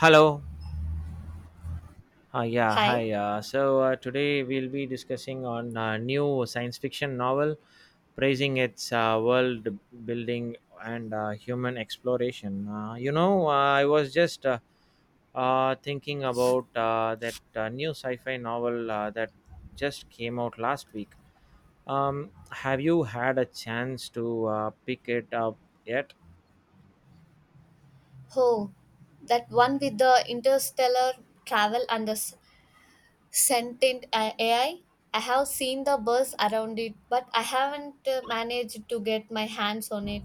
Hello. Yeah, Hi. hi. Today we'll be discussing on a new science fiction novel, praising its world building and human exploration. I was just thinking about that new sci-fi novel that just came out last week. Have you had a chance to pick it up yet? Oh, that one with the interstellar travel and the sentient AI. I have seen the buzz around it, but I haven't managed to get my hands on it.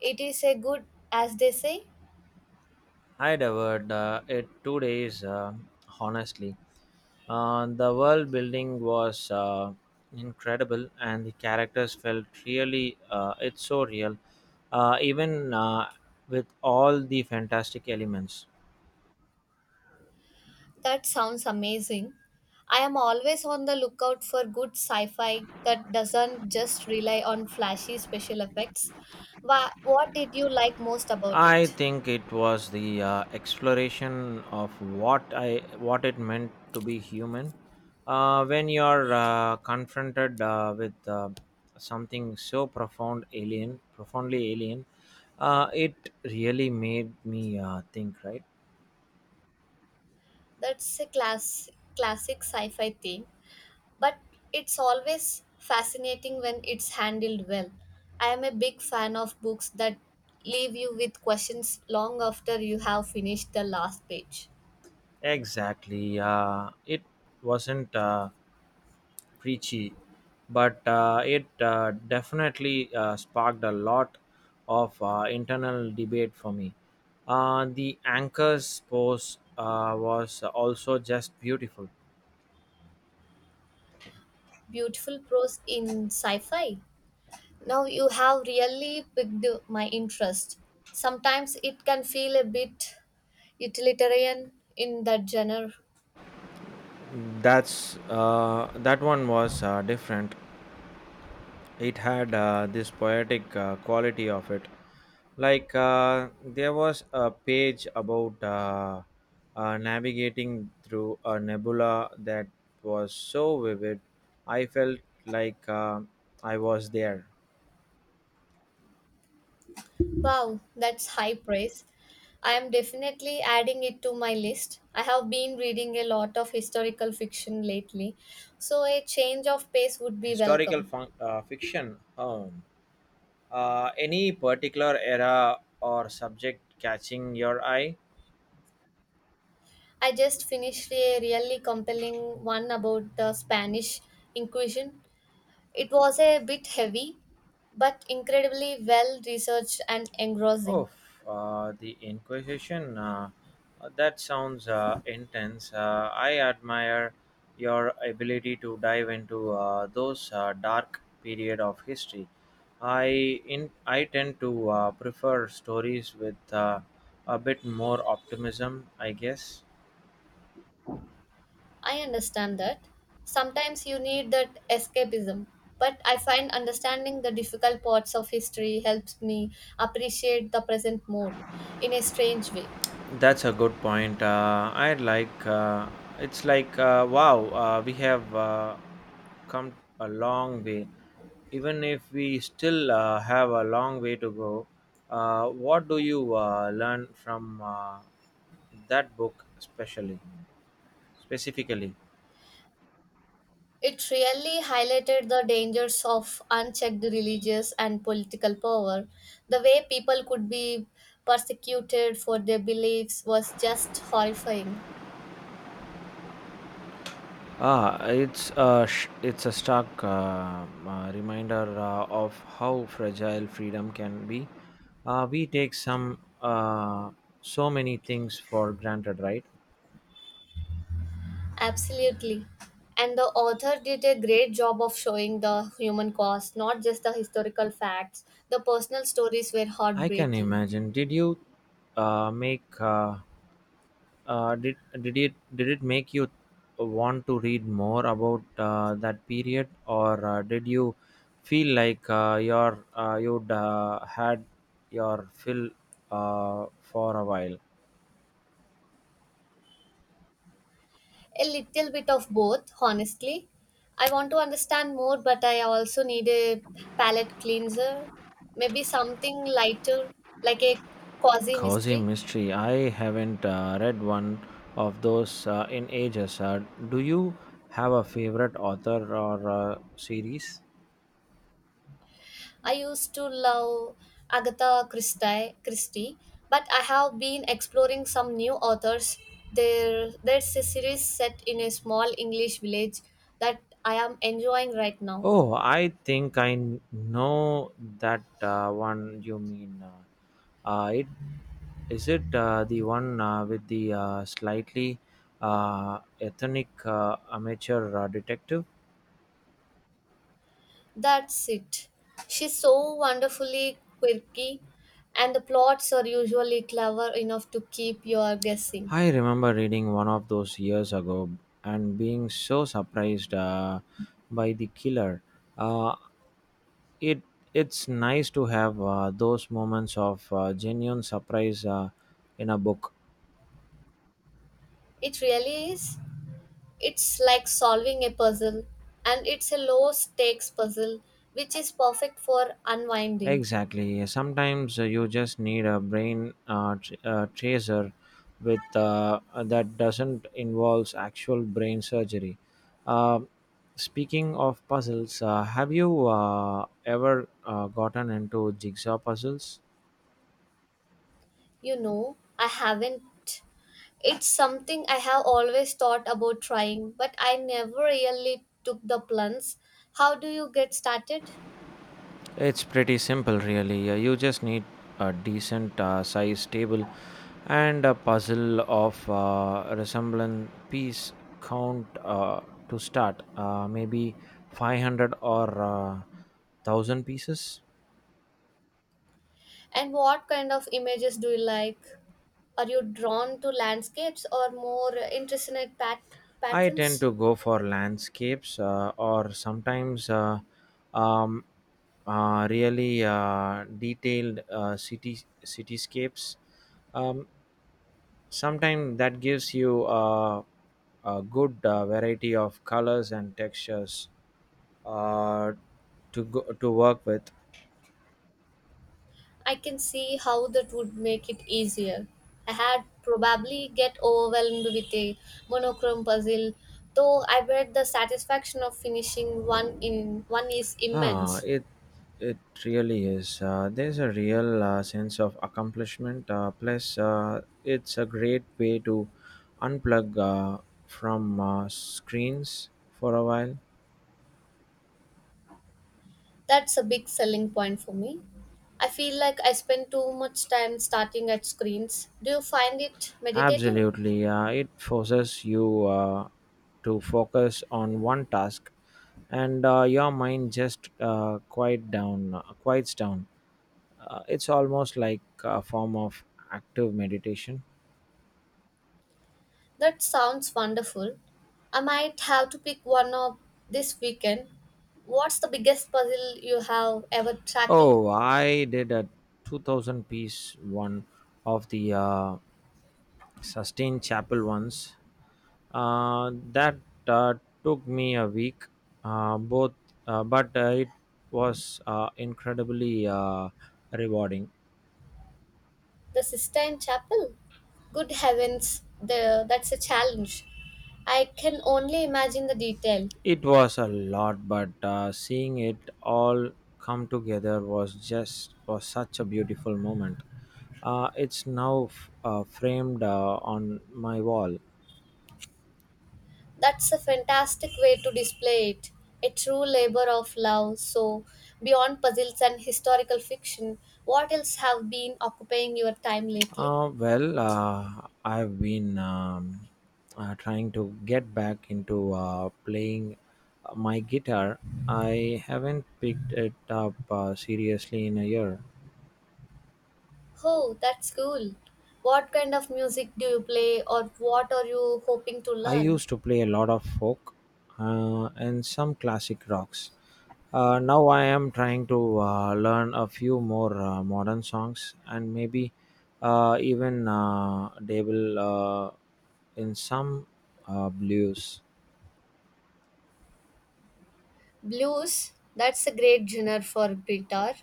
It is a good, as they say. I'd heard it 2 days, honestly. The world building was incredible, and the characters felt really, it's so real, even with all the fantastic elements. That sounds amazing. I am always on the lookout for good sci fi that doesn't just rely on flashy special effects. What did you like most about I it? think it was the exploration of what it meant to be human. When you're confronted with something so profoundly alien, it really made me think, right? That's a class, Classic sci fi theme, but it's always fascinating when it's handled well. I am a big fan of books that leave you with questions long after you have finished the last page. Exactly. It wasn't preachy, but it definitely sparked a lot of internal debate for me. The anchor's pose was also just beautiful. Beautiful prose in sci fi. Now you have really piqued my interest. Sometimes it can feel a bit utilitarian in that genre. That one was different. It had this poetic quality of it. Like there was a page about navigating through a nebula that was so vivid. I felt like I was there. Wow, that's high praise. I am definitely adding it to my list. I have been reading a lot of historical fiction lately, so a change of pace would be historical welcome. fun- uh, fiction, any particular era or subject catching your eye? I just finished a really compelling one about the Spanish Inquisition. It was a bit heavy, but incredibly well researched and engrossing. Oh, the Inquisition. That sounds intense. I admire your ability to dive into those dark period of history. I tend to prefer stories with a bit more optimism, I guess. I understand that. Sometimes you need that escapism, but I find understanding the difficult parts of history helps me appreciate the present more in a strange way. That's a good point. I like. It's like, wow, we have come a long way, even if we still have a long way to go. What do you learn from that book, especially specifically? It really highlighted the dangers of unchecked religious and political power. The way people could be persecuted for their beliefs was just horrifying. Ah, it's a stark reminder of how fragile freedom can be. We take some so many things for granted, right? Absolutely. And the author did a great job of showing the human cost, not just the historical facts. The personal stories were I can heartbreaking. imagine. Did you make did it make you want to read more about that period, or did you feel like your you'd had your fill for a while? A little bit of both, honestly. I want to understand more, but I also need a palate cleanser. Maybe something lighter, like a quasi Cozy mystery. mystery. I haven't read one of those in ages. Do you have a favorite author or series? I used to love Agatha Christie, but I have been exploring some new authors. There's a series set in a small English village that I am enjoying right now. Oh, I think I know that one you mean. It Is it the one with the slightly ethnic amateur detective? That's it. She's so wonderfully quirky, and the plots are usually clever enough to keep you guessing. I remember reading one of those years ago and being so surprised by the killer. Uh, it it's nice to have those moments of genuine surprise in a book. It really is. It's like solving a puzzle, and it's a low stakes puzzle, which is perfect for unwinding. Exactly. Sometimes you just need a brain tracer with that doesn't involves actual brain surgery. Uh, Speaking of puzzles, have you ever gotten into jigsaw puzzles? You know, I haven't. It's something I have always thought about trying, but I never really took the plunge. How do you get started? It's pretty simple, really. You just need a decent size table and a puzzle of resembling piece count to start. Maybe 500 or 1000 pieces. And what kind of images do you like? Are you drawn to landscapes or more intricate I tend patterns? to go for landscapes or sometimes um, really detailed cityscapes. Um, Sometimes that gives you a good variety of colors and textures uh, to work with. I can see how that would make it easier. I had probably get overwhelmed with a monochrome puzzle, though I bet the satisfaction of finishing one in one is ah, immense. it it really is. There's a real sense of accomplishment, plus it's a great way to unplug from screens for a while. That's a big selling point for me. I feel like I spend too much time starting at screens. Do you find it meditative? Absolutely. It forces you to focus on one task, and your mind just quiets down. It's almost like a form of active meditation. That sounds wonderful. I might have to pick one up this weekend. What's the biggest puzzle you have ever tackled? Oh, I did a 2000 piece one of the Sustain Chapel ones. That uh, took me a week, both, but it was incredibly rewarding. The Sistine Chapel? Good heavens, the, that's a challenge. I can only imagine the detail. It was a lot, but seeing it all come together was just was such a beautiful moment. It's now framed on my wall. That's a fantastic way to display it. A true labor of love. So, beyond puzzles and historical fiction, what else have been occupying your time lately? Well, I've been trying to get back into playing my guitar. I haven't picked it up seriously in a year. Oh, that's cool. What kind of music do you play or what are you hoping to I learn? used to play a lot of folk and some classic rocks. Now I am trying to learn a few more modern songs, and maybe even dabble in some blues. Blues, that's a great genre for guitar.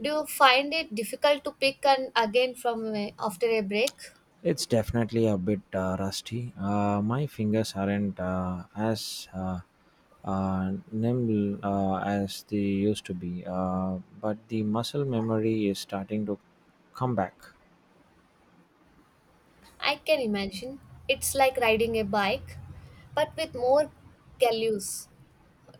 Do you find it difficult to pick an again from after a break? It's definitely a bit rusty. My fingers aren't as nimble as they used to be, but the muscle memory is starting to come back. I can imagine. It's like riding a bike, but with more gallows.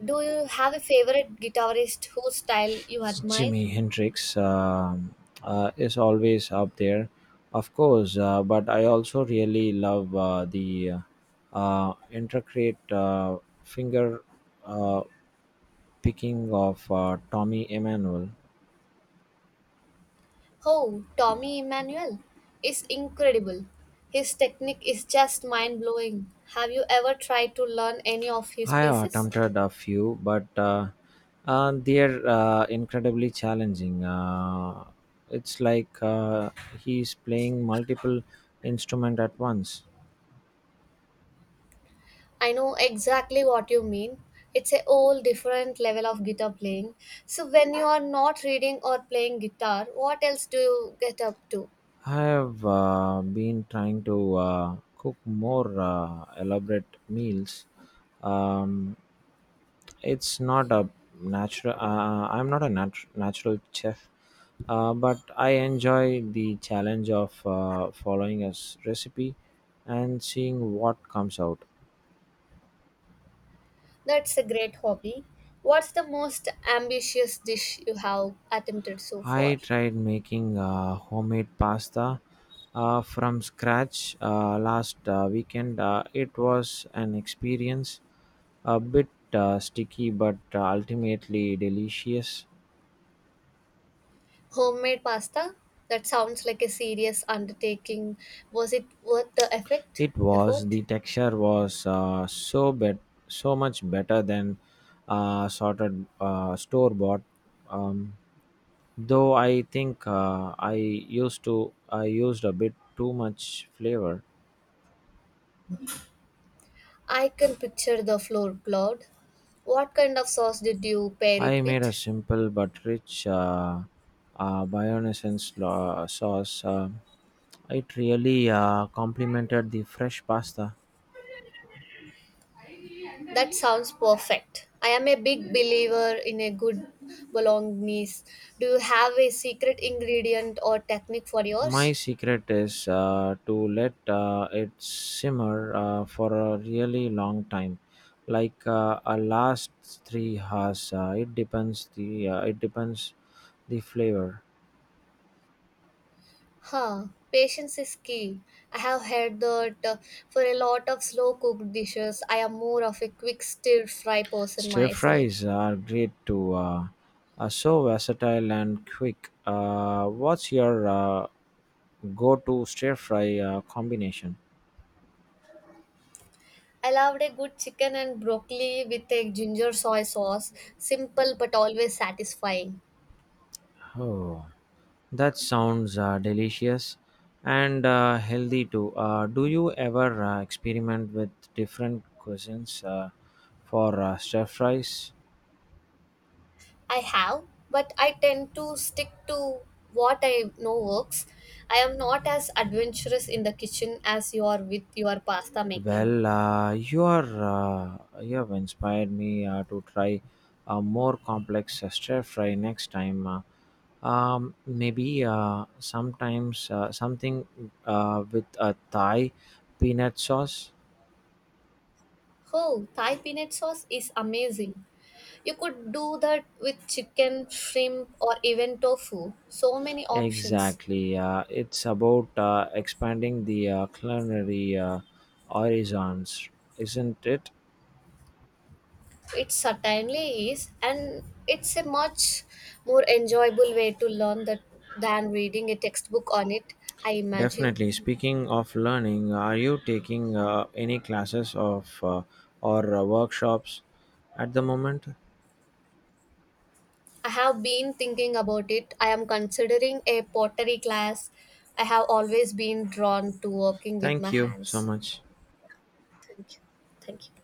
Do you have a favorite guitarist whose style you admire? Jimi Hendrix is always up there, of course, but I also really love the intricate finger uh, picking of Tommy Emmanuel. Oh, Tommy Emmanuel is incredible. His technique is just mind blowing. Have you ever tried to learn any of his I have pieces? attempted a few, but they're incredibly challenging. It's like he's playing multiple instrument at once. I know exactly what you mean. It's a whole different level of guitar playing. So, when you are not reading or playing guitar, what else do you get up to? I have been trying to cook more elaborate meals. Um, it's not a natural. I'm not a natural chef, but I enjoy the challenge of following a recipe and seeing what comes out. That's a great hobby. What's the most ambitious dish you have attempted so I far? tried making homemade pasta from scratch last weekend. It was an experience, a bit sticky but ultimately delicious. Homemade pasta? That sounds like a serious undertaking. Was it worth the it was effort? the texture was so much better than sorted store bought, um, though I think I used a bit too much flavor. I can picture the floorboard. What kind of sauce did you pair I it made a with? simple but rich bayonnaise sauce. It really complemented the fresh pasta. That sounds perfect. I am a big believer in a good bolognese. Do you have a secret ingredient or technique for My yours? secret is to let it simmer for a really long time, like a last 3 hours. It depends the flavor. Huh, patience is key. I have heard that for a lot of slow cooked dishes, I am more of a quick stir fry person Stir fries myself. are great too. Are so versatile and quick. What's your go-to stir fry combination? I loved a good chicken and broccoli with a ginger soy sauce. Simple but always satisfying. Oh. That sounds delicious and healthy too. Do you ever experiment with different cuisines for stir fries? I have, but I tend to stick to what I know works. I am not as adventurous in the kitchen as you are with your pasta making. Well, you have inspired me to try a more complex stir fry next time. Maybe sometimes something with a Thai peanut sauce. Oh, Thai peanut sauce is amazing. You could do that with chicken, shrimp, or even tofu. So many options. Exactly. It's about expanding the culinary horizons, isn't it? It certainly is, and it's a much more enjoyable way to learn that than reading a textbook on it, I imagine. Definitely. Speaking of learning, are you taking any classes of or workshops at the moment? I have been thinking about it. I am considering a pottery class. I have always been drawn to working with Thank my you so hands. much. Thank you. Thank you.